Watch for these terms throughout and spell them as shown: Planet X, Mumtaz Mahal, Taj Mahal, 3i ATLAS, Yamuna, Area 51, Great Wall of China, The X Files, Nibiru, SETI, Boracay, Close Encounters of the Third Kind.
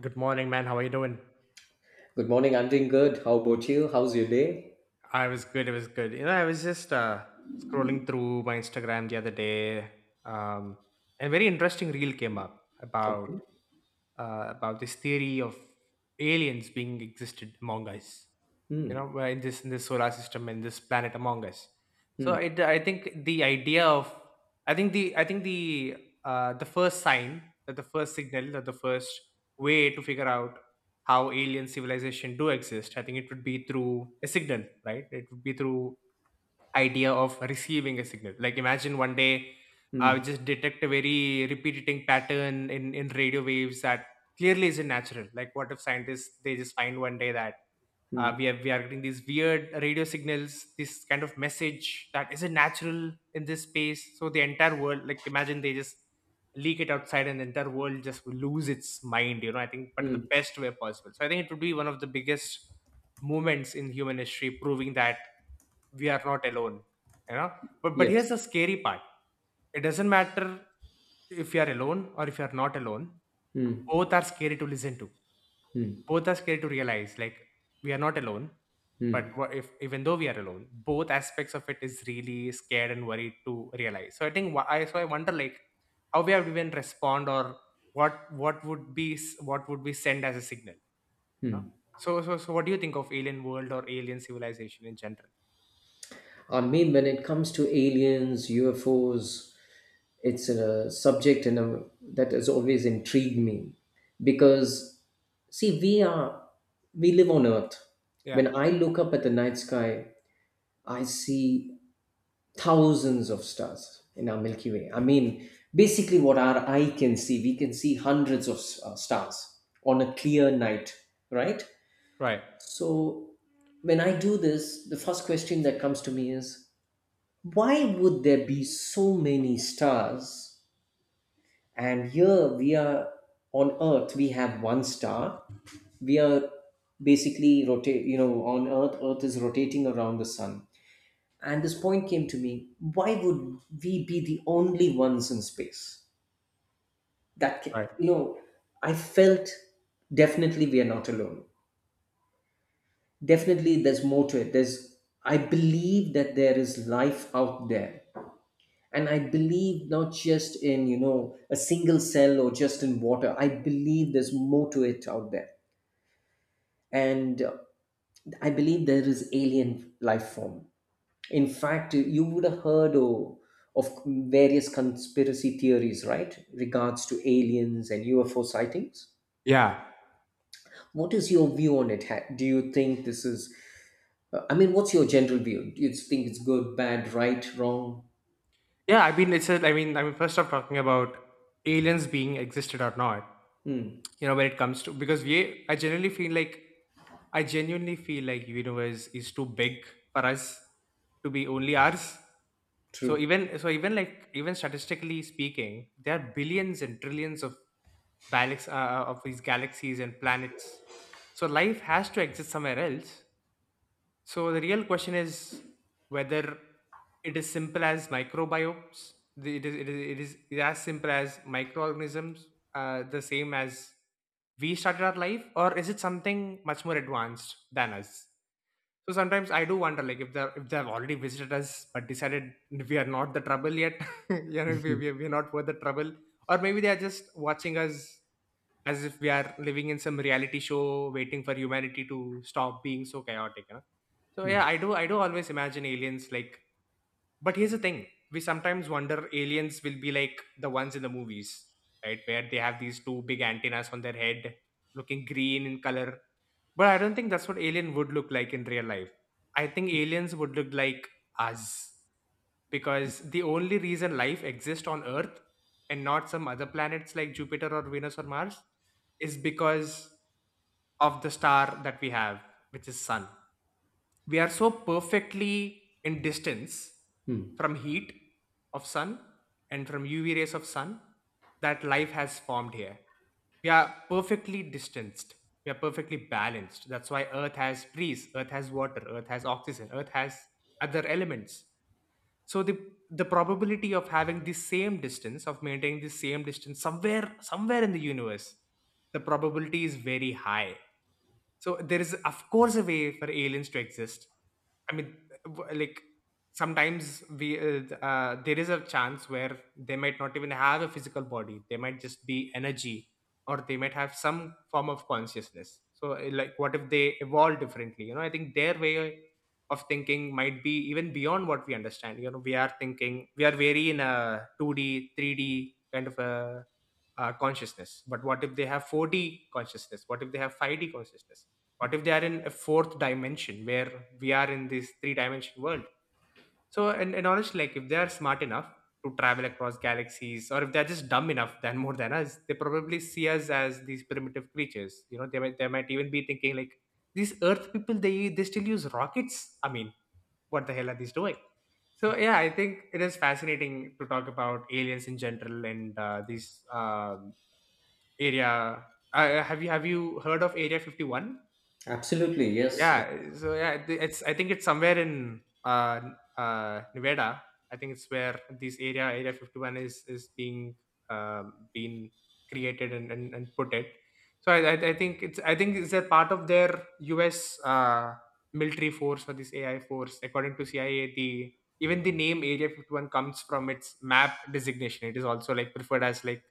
Good morning, man. How are you doing? Good morning. I'm doing good. How about you? How's your day? I was good. I was good. I was just scrolling through my Instagram the other day. um, and a very interesting reel came up about Okay. This theory of aliens being existed among us, Hmm. where in this solar system and this planet among us. So Hmm. I think the idea of I think the first sign that the first way to figure out how alien civilization do exist, I think it would be through a signal. Right? It would be through idea of receiving a signal. Like, imagine one day I Hmm. would just detect a very repeating pattern in radio waves that clearly isn't natural. Like, what if scientists they just find one day that mm, we are getting these weird radio signals, this kind of message that isn't natural in this space. So the entire world, like, imagine they just leak it outside, and the entire world just will lose its mind. I think, but in the mm. best way possible. So I think it would be one of the biggest moments in human history, proving that we are not alone you know but Yes. here's the scary part. It doesn't matter if you are alone or if you are not alone. Hmm. Both are scary to listen to. Hmm. Both are scared to realize, like, we are not alone. But Hmm. what if, even though we are alone, both aspects of it is really scared and worried to realize. So I think I wonder, like, how we have even respond, or what would be sent as a signal you know Hmm. so what do you think of alien world or alien civilization in general? I mean, when it comes to aliens, UFOs, it's a subject and a, that has always intrigued me because, see, we live on Earth. Yeah. When I look up at the night sky, I see thousands of stars in our Milky Way. I mean, basically, what our eye can see, we can see hundreds of stars on a clear night, right? Right, So, when I do this, the first question that comes to me is, why would there be so many stars? And here we are on Earth, we have one star. We are basically on Earth, Earth is rotating around the sun. And this point came to me: why would we be the only ones in space? That ca- right. you know, I felt definitely we are not alone. Definitely, there's more to it. There's I believe that there is life out there, and I believe not just in, you know, a single cell or just in water. I believe there's more to it out there, and I believe there is alien life form. In fact, you would have heard of various conspiracy theories, right? Regards to aliens and UFO sightings. Yeah, What is your view on it? Do you think I mean, what's your general view? Do you think it's good, bad, right, wrong? yeah. I mean it's a, i mean i mean first off, talking about aliens being existed or not. Hmm, You know, when it comes to, because we I generally feel like I genuinely feel like universe is too big for us to be only ours. so true. even so even like, even statistically speaking, there are billions and trillions of galaxies, of these galaxies and planets. So life has to exist somewhere else. So the real question is whether it is simple as microbiomes. It is as simple as microorganisms, the same as we started our life, or is it something much more advanced than us? So sometimes I do wonder, like, if they have already visited us but decided we are not the trouble yet, we we we are not worth the trouble, or maybe they are just watching us as if we are living in some reality show, waiting for humanity to stop being so chaotic. So, yeah, Hmm, I do always imagine aliens, like. But here's the thing. We sometimes wonder aliens will be like the ones in the movies, right? Where they have these two big antennas on their head, looking green in color. But I don't think that's what alien would look like in real life. I think aliens would look like us, because the only reason life exists on Earth and not some other planets like Jupiter or Venus or Mars is because of the star that we have, which is Sun. We are so perfectly in distance hmm. from heat of sun, and from UV rays of sun, that life has formed here. We are perfectly distanced, we are perfectly balanced. That's why Earth has breeze, Earth has water, Earth has oxygen, Earth has other elements. So, the probability of having the same distance, of maintaining the same distance, somewhere in the universe, the probability is very high. So there is, of course, a way for aliens to exist. I mean, like, sometimes we there is a chance where they might not even have a physical body. They might just be energy, or they might have some form of consciousness. So, like, what if they evolve differently? I think their way of thinking might be even beyond what we understand. We are thinking we are very in a 2D, 3D kind of a consciousness. But what if they have 4D consciousness? What if they have 5D consciousness? What if they are in a fourth dimension, where we are in this three dimension world? So, and honestly, like, if they are smart enough to travel across galaxies, or if they're just dumb enough than more than us, they probably see us as these primitive creatures. They might even be thinking like, these earth people, they still use rockets. I mean, what the hell are these doing? So, yeah, I think it is fascinating to talk about aliens in general. And, this, area, have you heard of area 51? Absolutely, yes. Yeah. So, yeah, it's, I think it's somewhere in Nevada. I think it's where this area, Area 51, is being, being created, and, put it. So I think it's a part of their U.S. Military force, or this AI force. According to CIA, the name Area 51 comes from its map designation. It is also, like, preferred as like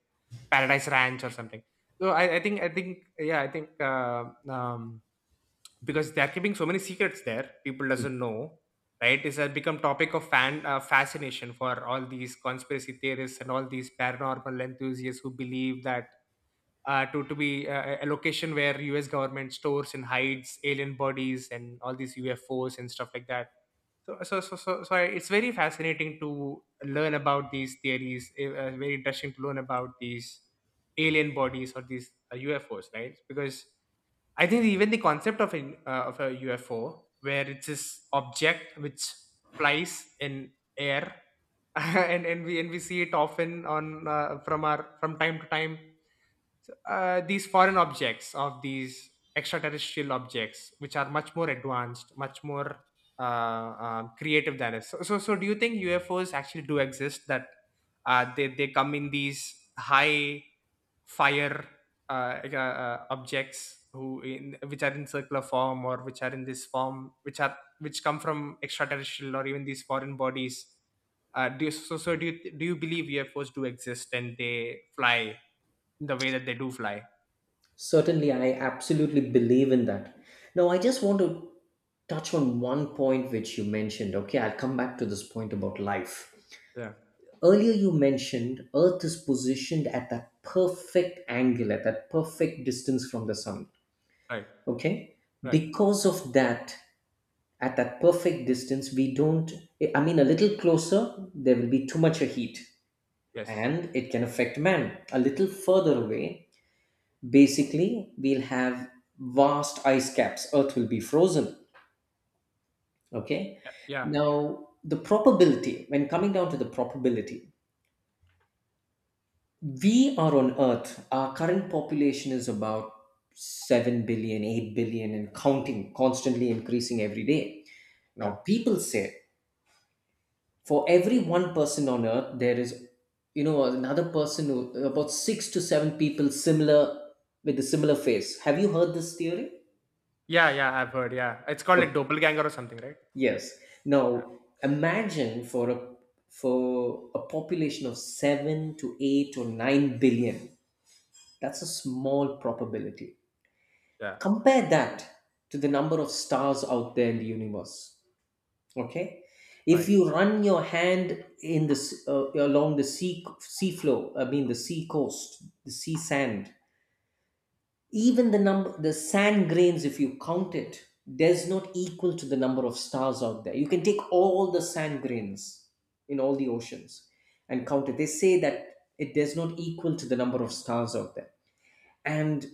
Paradise Ranch or something. So, I think yeah I think because they're keeping so many secrets there, people doesn't know, right. It's has become topic of fan fascination for all these conspiracy theorists and all these paranormal enthusiasts who believe that, to be, a location where US government stores and hides alien bodies and all these UFOs and stuff like that. So, it's very fascinating to learn about these theories, very interesting to learn about these alien bodies or these UFOs, right? Because I think even the concept of an of a UFO, where it's this object which flies in air, and we see it often on from our from time to time. So, these foreign objects, of these extraterrestrial objects, which are much more advanced, much more, creative than us. So, do you think UFOs actually do exist, that they come in these high fire, uh, like, uh, objects who in which are in circular form, or which are in this form, which come from extraterrestrial, or even these foreign bodies? Do you do you believe UFOs do exist, and they fly the way that they do fly? Certainly, I absolutely believe in that. Now, I just want to touch on one point which you mentioned. Okay, I'll come back to this point about life. Yeah. Earlier, you mentioned Earth is positioned at that perfect angle, at that perfect distance from the sun. Right. Okay? Right. Because of that, at that perfect distance, we don't, I mean, a little closer, there will be too much a heat Yes. and it can affect man. A little further away, basically, we'll have vast ice caps. Earth will be frozen. Okay? Yeah. Yeah. Now, the probability, when coming down to the probability, we are on earth, our current population is about 7 billion, 8 billion, and counting, constantly increasing every day. Now Yeah. people say, for every one person on earth there is, you know, another person who, about 6 to 7 people similar, with a similar face. Have you heard this theory? Yeah. Yeah. I've heard. Yeah. It's called like Okay, doppelganger or something, right? yes. Yeah. Now, imagine for a population of 7 to 8 or 9 billion. That's a small probability. Yeah. Compare that to the number of stars out there in the universe. Okay, if Right. you run your hand in this along the sea floor, I mean the sea coast, the sea sand, even the number, the sand grains, if you count it, does not equal to the number of stars out there. You can take all the sand grains in all the oceans and count it. They say that it does not equal to the number of stars out there. And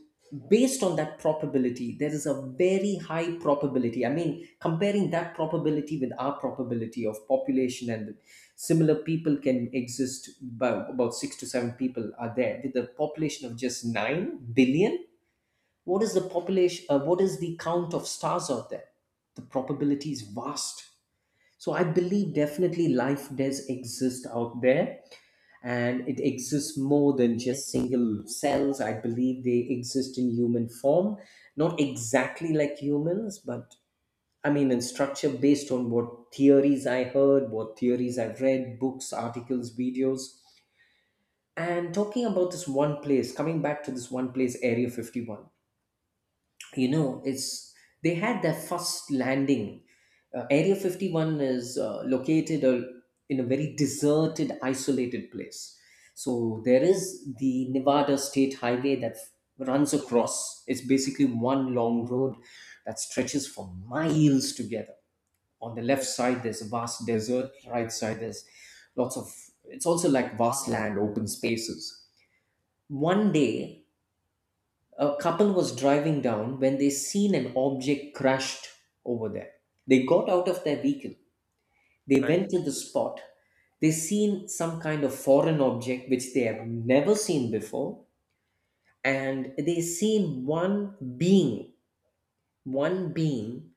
based on that probability, there is a very high probability. I mean, comparing that probability with our probability of population and similar people can exist, about 6 to 7 people are there with a population of just 9 billion. What is the population, what is the count of stars out there? The probability is vast. So I believe definitely life does exist out there, and it exists more than just single cells. I believe they exist in human form, not exactly like humans, but I mean, in structure based on what theories I heard, what theories I've read, books, articles, videos. And talking about this one place, coming back to this one place, Area 51, you know it's they had their first landing. Area 51 is located in a very deserted, isolated place. So there is the Nevada State Highway that runs across. It's basically one long road that stretches for miles together. On the left side there's a vast desert, right side there's lots of, it's also like vast land, open spaces. One day, a couple was driving down when they seen an object crashed over there. They got out of their vehicle. They Right. went to the spot. They seen some kind of foreign object which they have never seen before, and they seen one being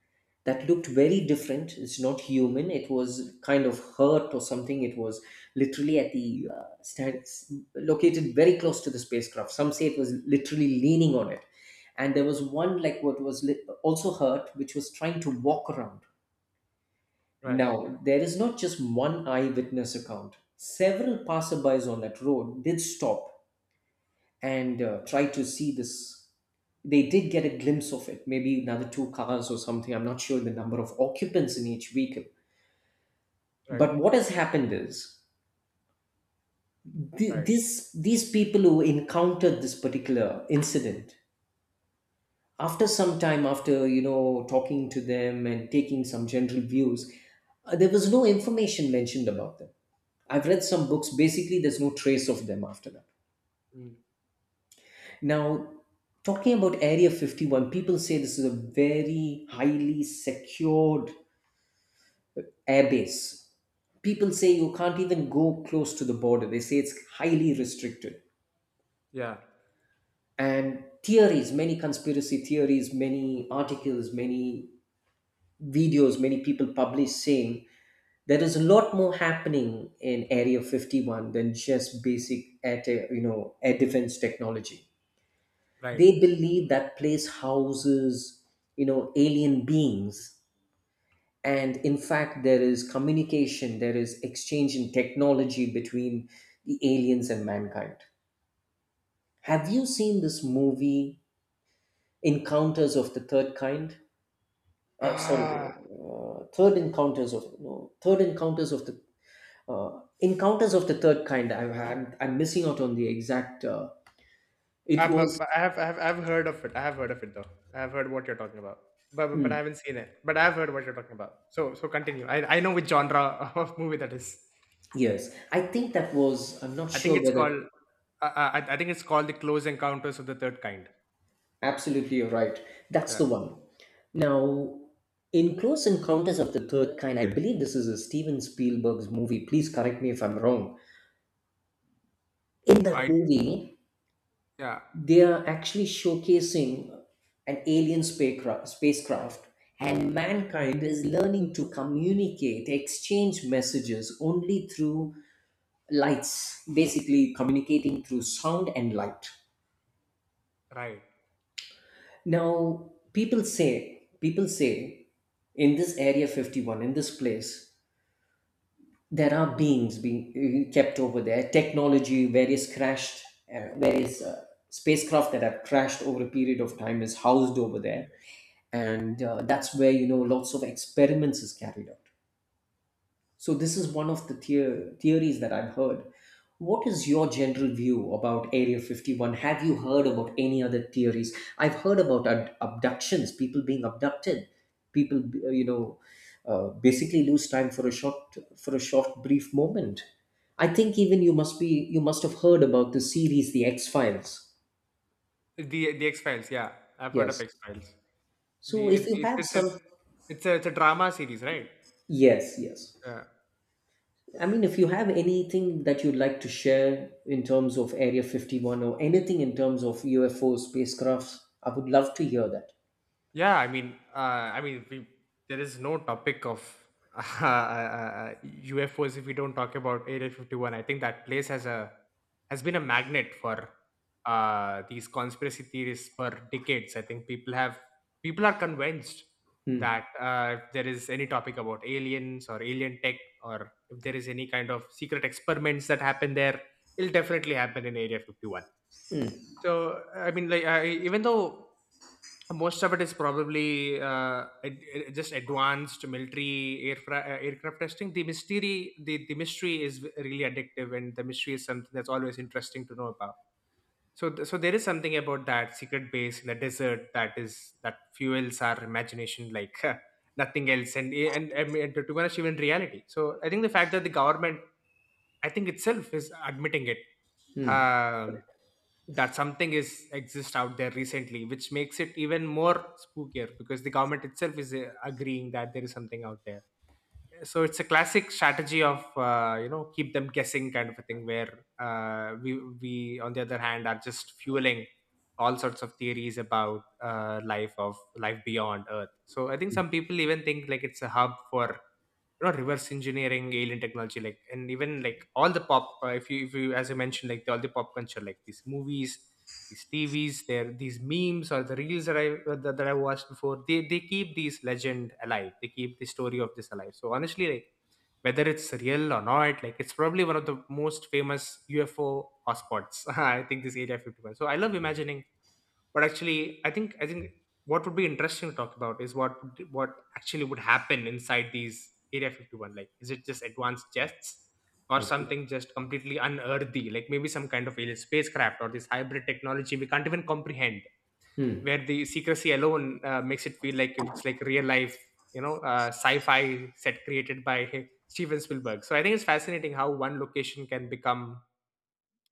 that looked very different. It's not human. It was kind of hurt or something. It was literally at the stand, located very close to the spacecraft. Some say it was literally leaning on it. And there was one like also hurt, which was trying to walk around. Right. Now, there is not just one eyewitness account. Several passerbys on that road did stop and try to see this. They did get a glimpse of it, maybe another two cars or something. I'm not sure the number of occupants in each vehicle. Right. But what has happened is, Right. These people who encountered this particular incident, after some time, after, you know, talking to them and taking some general views, there was no information mentioned about them. I've read some books. Basically, there's no trace of them after that. Mm. Now, talking about Area 51, people say this is a very highly secured airbase. People say you can't even go close to the border. They say it's highly restricted. Yeah. And theories, many conspiracy theories, many articles, many videos, many people publish saying there is a lot more happening in Area 51 than just basic air, te- you know, air defense technology. Right. They believe that place houses, you know, alien beings, and in fact there is communication, there is exchange in technology between the aliens and mankind. Have you seen this movie Encounters of the Third Kind? Uh, sorry Ah. Third encounters of no third encounters of the Encounters of the Third Kind. I'm missing out on the exact it I, but, was, but I've heard of it. I have heard of it though. I have heard what you're talking about. But I hmm, haven't seen it. But I've heard what you're talking about. So, continue. I know which genre of movie that is. yes, I think that was, I'm not I think sure it's whether. called. I think it's called the Close Encounters of the Third Kind. Absolutely, you're right. That's Yeah. the one. Now, in Close Encounters of the Third Kind, I believe this is a Steven Spielberg's movie. Please correct me if I'm wrong. In that I movie, Yeah. they are actually showcasing an alien spacecraft, and mankind is learning to communicate, exchange messages only through lights, basically communicating through sound and light. Right. Now, people say, in this area 51, in this place, there are beings being kept over there, technology, various crashed, various spacecraft that have crashed over a period of time is housed over there. And that's where, you know, lots of experiments is carried out. So this is one of the theories that I've heard. What is your general view about Area 51? Have you heard about any other theories? I've heard about abductions, people being abducted, people, basically lose time for a short, for a short brief moment. I think even you must have heard about the series The X Files. The the X-Files, yeah. I've heard of Yes. X-Files. So The it, if you it's have it's a, some, it's a it's a drama series, right? yes, yes. Yeah. I mean, if you have anything that you'd like to share in terms of Area 51 or anything in terms of UFO spacecrafts, I would love to hear that. Yeah, I mean, there is no topic of UFOs if we don't talk about Area 51. I think that place has been a magnet for these conspiracy theories for decades. I think people are convinced Hmm. that if there is any topic about aliens or alien tech, or if there is any kind of secret experiments that happen there, it'll definitely happen in Area 51. Hmm. So, I mean, like, even though most of it is probably just advanced military aircraft testing, the mystery is really addictive, and the mystery is something that's always interesting to know about. So, there is something about that secret base in the desert that is that fuels our imagination like nothing else, and, and, to be honest, even reality. So I think the fact that the government, I think itself is admitting it, Hmm. um, that something is exists out there recently, which makes it even more spookier because the government itself is agreeing that there is something out there. So it's a classic strategy of keep them guessing kind of a thing where we on the other hand are just fueling all sorts of theories about life beyond earth. So I think some people even think like it's a hub for reverse engineering alien technology, like, and even like all the pop, if you as I mentioned, like, all the pop culture like these movies, these TVs there, these memes or the reels that I watched before, they keep these legend alive, they keep the story of this alive. So honestly, like, whether it's real or not, like, it's probably one of the most famous UFO hotspots. I think this Area 51. So I love imagining, but actually I think what would be interesting to talk about is what actually would happen inside these Area 51. Like, is it just advanced jets or Okay. something just completely unearthly, like maybe some kind of alien spacecraft or this hybrid technology we can't even comprehend, Hmm. where the secrecy alone makes it feel like it's like real life, sci-fi set created by Steven Spielberg. So I think it's fascinating how one location can become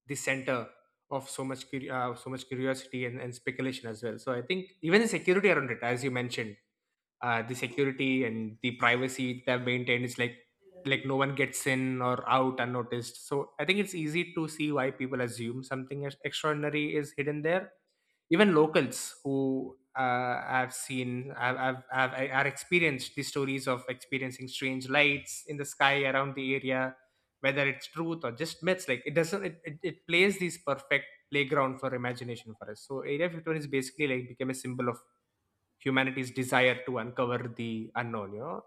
the center of so much so much curiosity and speculation as well. So I think even the security around it, as you mentioned, the security and the privacy they have maintained is like no one gets in or out unnoticed. So I think it's easy to see why people assume something extraordinary is hidden there. Even locals who I've seen, are experienced the stories of experiencing strange lights in the sky around the area, whether it's truth or just myths. Like, it doesn't, it plays this perfect playground for imagination for us. So Area 51 is basically like became a symbol of humanity's desire to uncover the unknown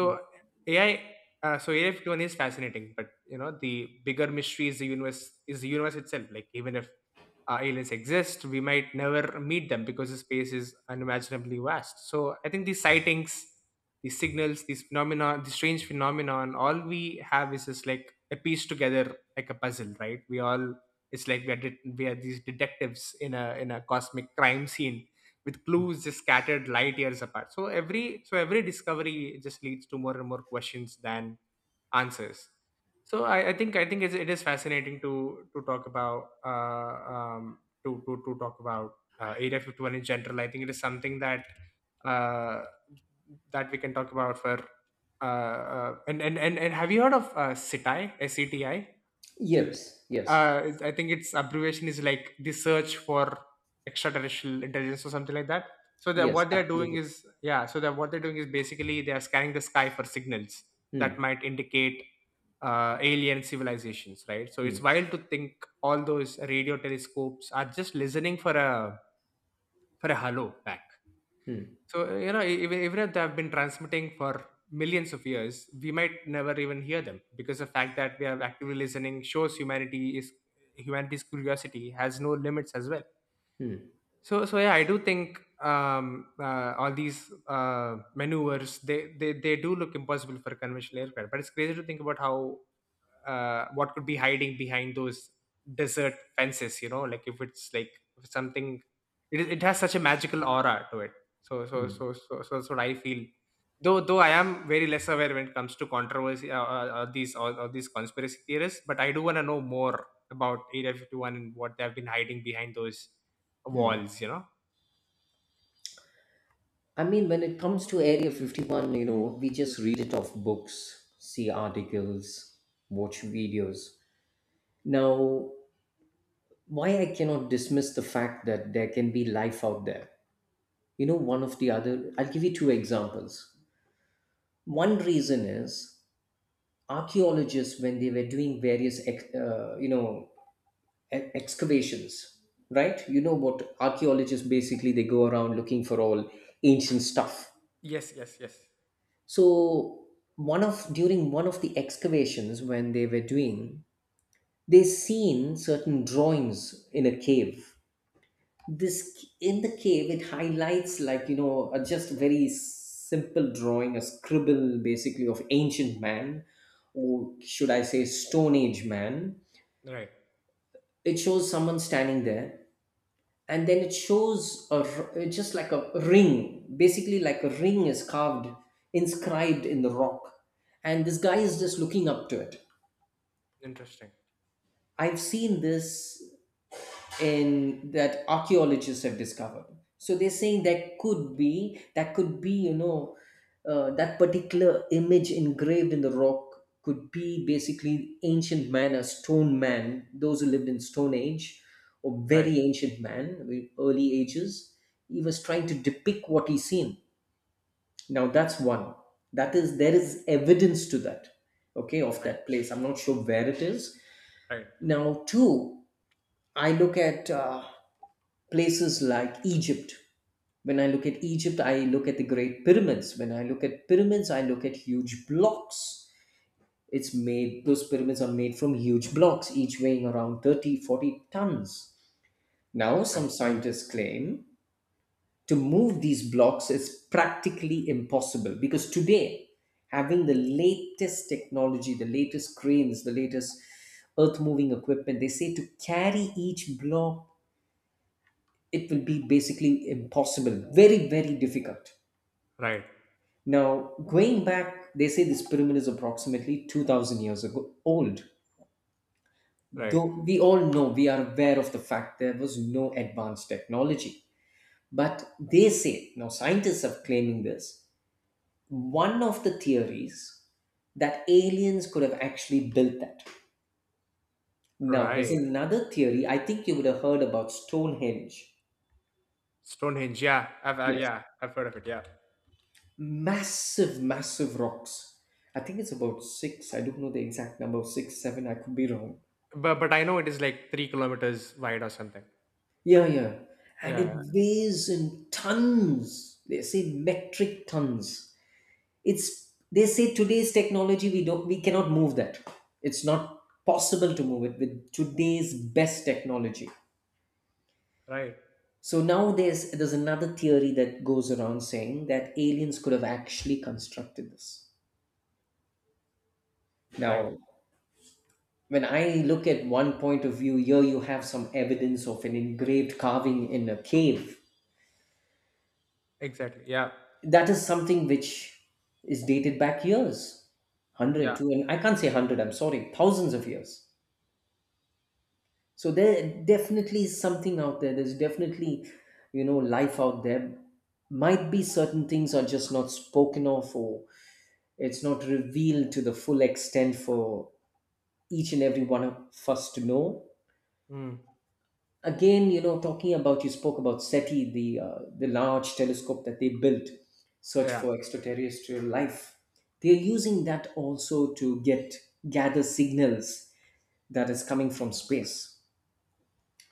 Hmm. ai ai 51 is fascinating, but the bigger mystery is the universe itself. Like, even if aliens exist, we might never meet them because the space is unimaginably vast. So I think these sightings, these signals, these phenomena, these strange phenomenon, all we have is just like a piece together like a puzzle, right? We all, it's like we are we are these detectives in a cosmic crime scene with Hmm. clues just scattered light years apart. So every discovery just leads to more and more questions than answers. So I think it is fascinating to talk about, to talk about Area 51 in general. I think it is something that uh, that we can talk about for and have you heard of CETI? SETI? S E T I? Yes. Yes. I think its abbreviation is like the search for extraterrestrial intelligence or something like that. So that Yes. what they're doing Absolutely. is, yeah. So that what they're doing is basically they are scanning the sky for signals that Hmm. might indicate alien civilizations, right? So it's Hmm. wild to think all those radio telescopes are just listening for a hello back. Hmm. So, even if they have been transmitting for millions of years, we might never even hear them because the fact that we are actively listening shows humanity's curiosity has no limits as well. Hmm. So, yeah, I do think all these maneuvers, they do look impossible for conventional aircraft. But it's crazy to think about how what could be hiding behind those desert fences, like, if it's like, if it's something, it has such a magical aura to it. so so Hmm. so so so that's what I feel. Though I am very less aware when it comes to controversy, these, or these conspiracy theorists, but I do want to know more about Area 51 and what they have been hiding behind those Hmm. walls. I mean, when it comes to Area 51, you know, we just read it off books, see articles, watch videos. Now, why I cannot dismiss the fact that there can be life out there, you know, one of the other, I'll give you 2 examples. One reason is, archaeologists, when they were doing various excavations, right, you know what archaeologists, basically they go around looking for all ancient stuff. Yes, yes, yes. So one of during one of the excavations when they were doing, they seen certain drawings in a cave. This in the cave, it highlights, like, you know, a just very simple drawing, a scribble basically, of ancient man, or should I say stone age man. Right. It shows someone standing there, and then it shows just like a ring, basically like a ring is carved, inscribed in the rock, and this guy is just looking up to it. Interesting. I've seen this in that archaeologists have discovered. So they're saying that could be, that could be, you know, that particular image engraved in the rock could be basically ancient man, a stone man, those who lived in stone age, or Right, very ancient man with early ages. He was trying to depict what he's seen. Now, that's one. That is There is evidence to that, okay, of right, that place. I'm not sure where it is. right, Now, two, I look at places like Egypt. When I look at Egypt, I look at the Great Pyramids. When I look at pyramids, I look at huge blocks. Those pyramids are made from huge blocks, each weighing around 30, 40 tons. Now, some right, scientists claim to move these blocks is practically impossible because today, having the latest technology, the latest cranes, the latest earth moving equipment, they say to carry each block it will be basically impossible, very, very difficult. right, Now, going back, they say this pyramid is approximately 2000 years ago old. right, Though we all know, we are aware of the fact there was no advanced technology. But they say, now scientists are claiming this, one of the theories that aliens could have actually built that. Now, there's right. another theory, I think you would have heard about Stonehenge. Stonehenge, yeah, I've, I yeah, I've heard of it, yeah. Massive, massive rocks. I think it's about six. I don't know the exact number, six, seven. I could be wrong. But I know it is like 3 kilometers wide or something. Yeah, yeah. Yeah, And it yeah. weighs in tons. They say metric tons. It's They say today's technology we cannot move that. It's not possible to move it with today's best technology. Right, So now there's another theory that goes around saying that aliens could have actually constructed this. right. Now, when I look at one point of view, here you have some evidence of an engraved carving in a cave. Exactly. Yeah, That is something which is dated back years, yeah. 100 to, and I can't say 100, I'm sorry, thousands of years. So there definitely is something out there. There's definitely, life out there. Might be certain things are just not spoken of, or it's not revealed to the full extent for each and every one of us to know. Mm. Again, talking about, you spoke about SETI, the large telescope that they built, search Yeah. for extraterrestrial life. They're using that also to get gather signals that is coming from space.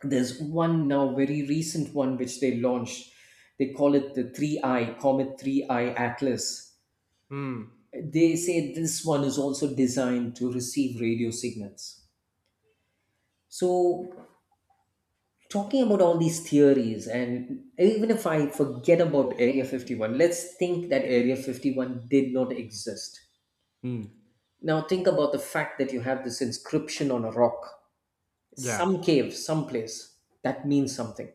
There's one now, very recent one, which they launched. They call it the 3i comet, 3i atlas. Mm. They say this one is also designed to receive radio signals. So, talking about all these theories, and even if I forget about area 51, let's think that area 51 did not exist. Mm. Now think about the fact that you have this inscription on a rock, Yeah, some cave someplace, that means something.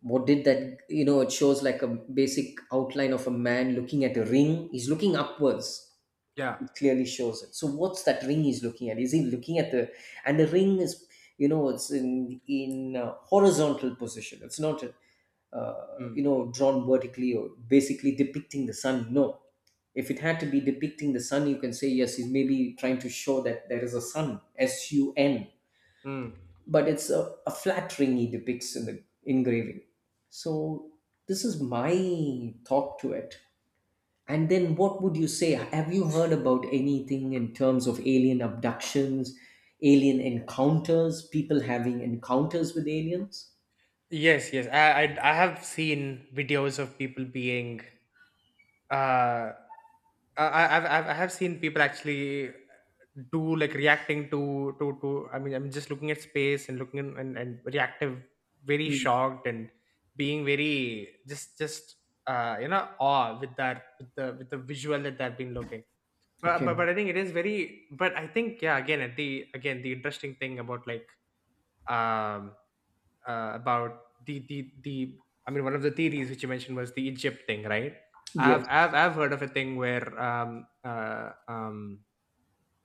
What did that, it shows like a basic outline of a man looking at a ring, he's looking upwards. yeah. It clearly shows it. So what's that ring he's looking at? Is he looking at the— and the ring is, it's in horizontal position. It's not, uh, Mm. Drawn vertically, or basically depicting the sun. No, if it had to be depicting the sun, you can say yes, he's maybe trying to show that there is a sun, sun. Mm. But it's a flat ring he depicts in the engraving. So this is my thought to it. And then, what would you say? Have you heard about anything in terms of alien abductions, alien encounters, people having encounters with aliens? Yes, yes. I have seen videos of people being, uh, I, I've I have seen people actually do like reacting to. I mean, I'm just looking at space and looking in, and reactive, very Hmm. shocked and being very just, awe with that, with the visual that they've been looking. But, Okay. but but I think it is very. But I think, yeah. Again, at the again the interesting thing about, like, um about the I mean, one of the theories which you mentioned was the Egypt thing, right? I've Yes. I've I've heard of a thing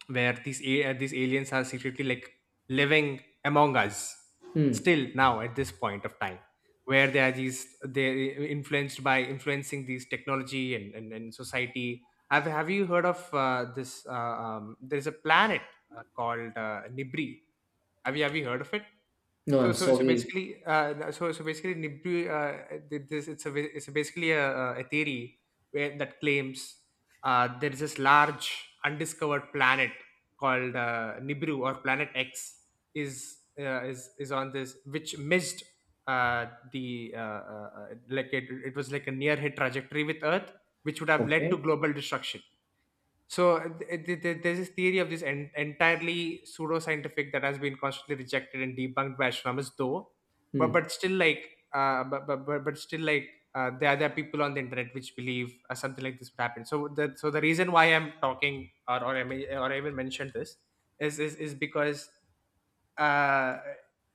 where these these aliens are secretly, like, living among us Hmm. still now at this point of time, where they are these, they influenced by influencing these technology and society. Have you heard of this there's a planet called Nibri? Have you heard of it? No, so I'm so so sorry. basically, basically, Nibiru, th- this it's a it's a basically a, a theory where that claims, there is this large undiscovered planet called, Nibiru or Planet X, is on this, which missed uh, the like, it was like a near hit trajectory with Earth, which would have led Okay. to global destruction. So there's this theory of this entirely pseudoscientific that has been constantly rejected and debunked by astronomers, though. But Hmm. but still, like, but still, like, there are people on the internet which believe, something like this would happen. So the reason why I'm talking, or I may, or I even mentioned this is because, uh,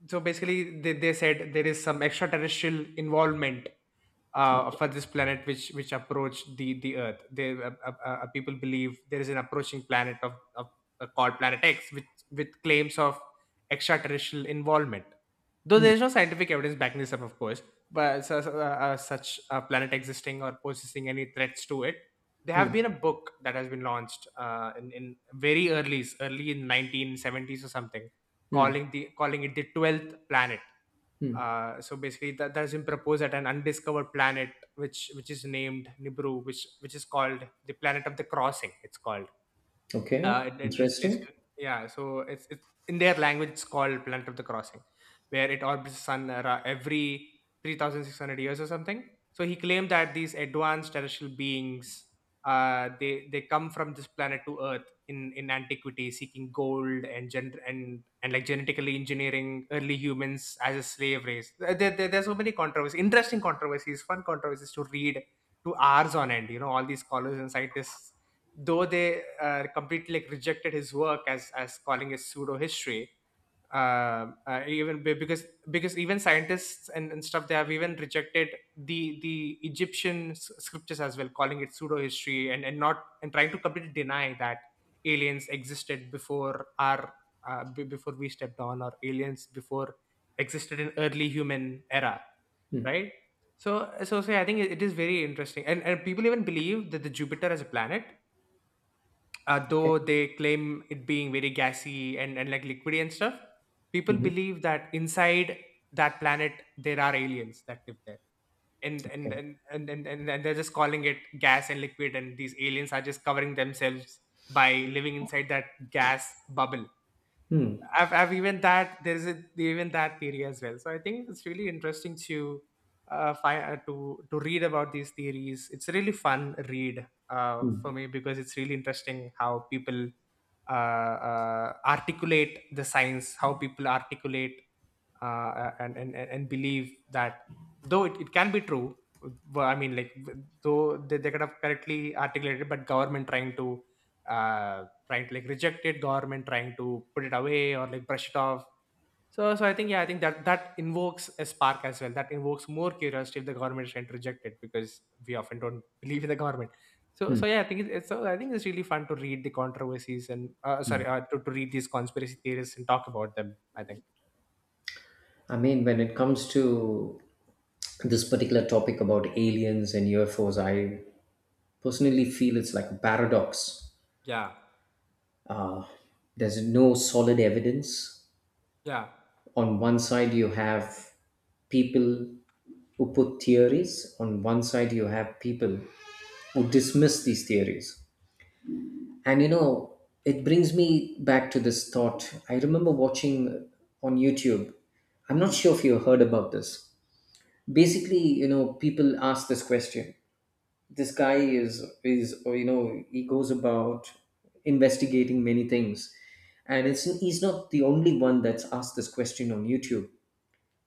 so basically they said there is some extraterrestrial involvement Okay. for this planet, which approached the earth. They People believe there is an approaching planet of called Planet X with claims of extraterrestrial involvement, though Hmm. there is no scientific evidence backing this up, of course. But such a planet existing or possessing any threats to it, there have Hmm. been a book that has been launched, in very early in 1970s or something, Hmm. Calling it the 12th planet. Hmm. So basically that has been proposed at an undiscovered planet which is named Nibiru, which is called the Planet of the Crossing, it's called. Okay. It is Interesting. basically, yeah. So it's in their language. It's called Planet of the Crossing, where it orbits the sun every 3,600 years or something. So he claimed that these advanced terrestrial beings, they come from this planet to Earth in antiquity, seeking gold and like genetically engineering early humans as a slave race. There's so many controversies, interesting controversies, fun controversies to read to hours on end. You know, all these scholars and scientists, though they, completely like rejected his work as calling it pseudo history. Even be- because Even scientists and stuff, they have even rejected the Egyptian scriptures as well, calling it pseudo history and not and trying to completely deny that aliens existed before our, b- before we stepped on or aliens before existed in early human era. Hmm. Right. So I think it is very interesting, and people even believe that the Jupiter as a planet, Okay. though they claim it being very gassy and like liquidy and stuff, people Mhm. believe that inside that planet there are aliens that live there. And and Okay. and, and, and, and, and they're just calling it gas and liquid, and these aliens are just covering themselves by living inside that gas bubble. Hmm. I've even that there's even that theory as well. So I think it's really interesting to, find, to read about these theories. It's a really fun read for Hmm. me because it's really interesting how people articulate the science, how people articulate and believe that, though it can be true. Well, I mean, like, though they could have correctly articulated, but government trying to, uh, trying to like reject it, government trying to put it away or like brush it off. So I think, yeah, I think that invokes a spark as well. That invokes more curiosity if the government is trying to reject it because we often don't believe in the government. So Hmm. so yeah, I think it's so I think it's really fun to read the controversies and, sorry, to read these conspiracy theories and talk about them. I think. I mean, when it comes to this particular topic about aliens and UFOs, I personally feel it's like a paradox. Yeah, Uh, there's no solid evidence. yeah. On one side, you have people who put theories; on one side, you have people who dismiss these theories. And it brings me back to this thought. I remember watching on YouTube. I'm not Mm. sure if you heard about this. Basically, people ask this question. This guy is, or he goes about investigating many things, and it's he's not the only one that's asked this question on YouTube.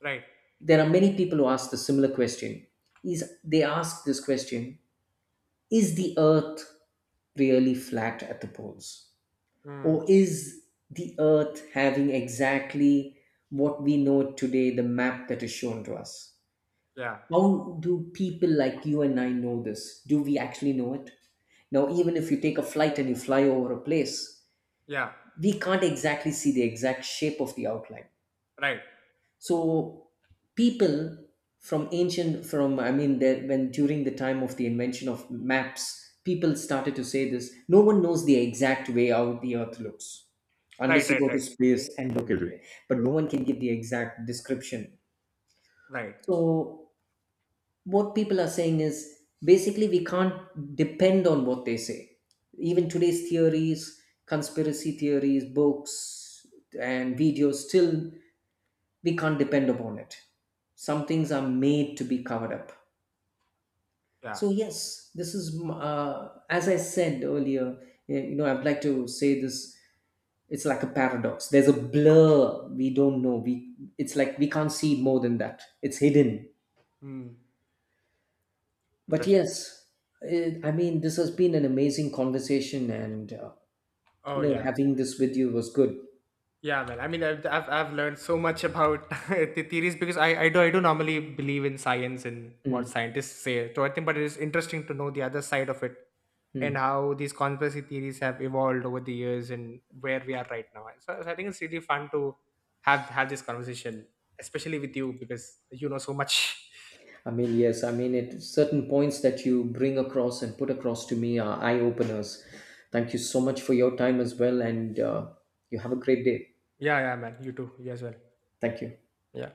Right. There are many people who ask the similar question. Is They ask this question: is the Earth really flat at the poles? Mm. Or is the Earth having exactly what we know today, the map that is shown to us? Yeah, How do people like you and I know this? Do we actually know it? Now, even if you take a flight and you fly over a place, yeah. we can't exactly see the exact shape of the outline. Right, So people, from ancient from I mean, there when during the time of the invention of maps, people started to say this. No one knows the exact way how the Earth looks, right, unless you right, go to right, space and look at it. But no one can give the exact description. right. So what people are saying is basically we can't depend on what they say. Even today's theories, conspiracy theories, books, and videos, still we can't depend upon it. Some things are made to be covered up. Yeah. So yes, this is, as I said earlier. I'd like to say this. It's like a paradox. There's a blur. We don't know. We It's like we can't see more than that. It's hidden. Mm. But Interesting. yes, I mean, this has been an amazing conversation, and Oh, yeah. having this with you was good. Yeah, man. I mean, I've learned so much about the theories because I do normally believe in science and what Mm, scientists say. So I think, but it is interesting to know the other side of it and mm. how these conspiracy theories have evolved over the years and where we are right now. So, I think it's really fun to have this conversation, especially with you because you know so much. I mean, yes, I mean, it certain points that you bring across and put across to me are eye openers. Thank you so much for your time as well, and you have a great day. Yeah, yeah, man. You too. You as well. Thank you. Yeah.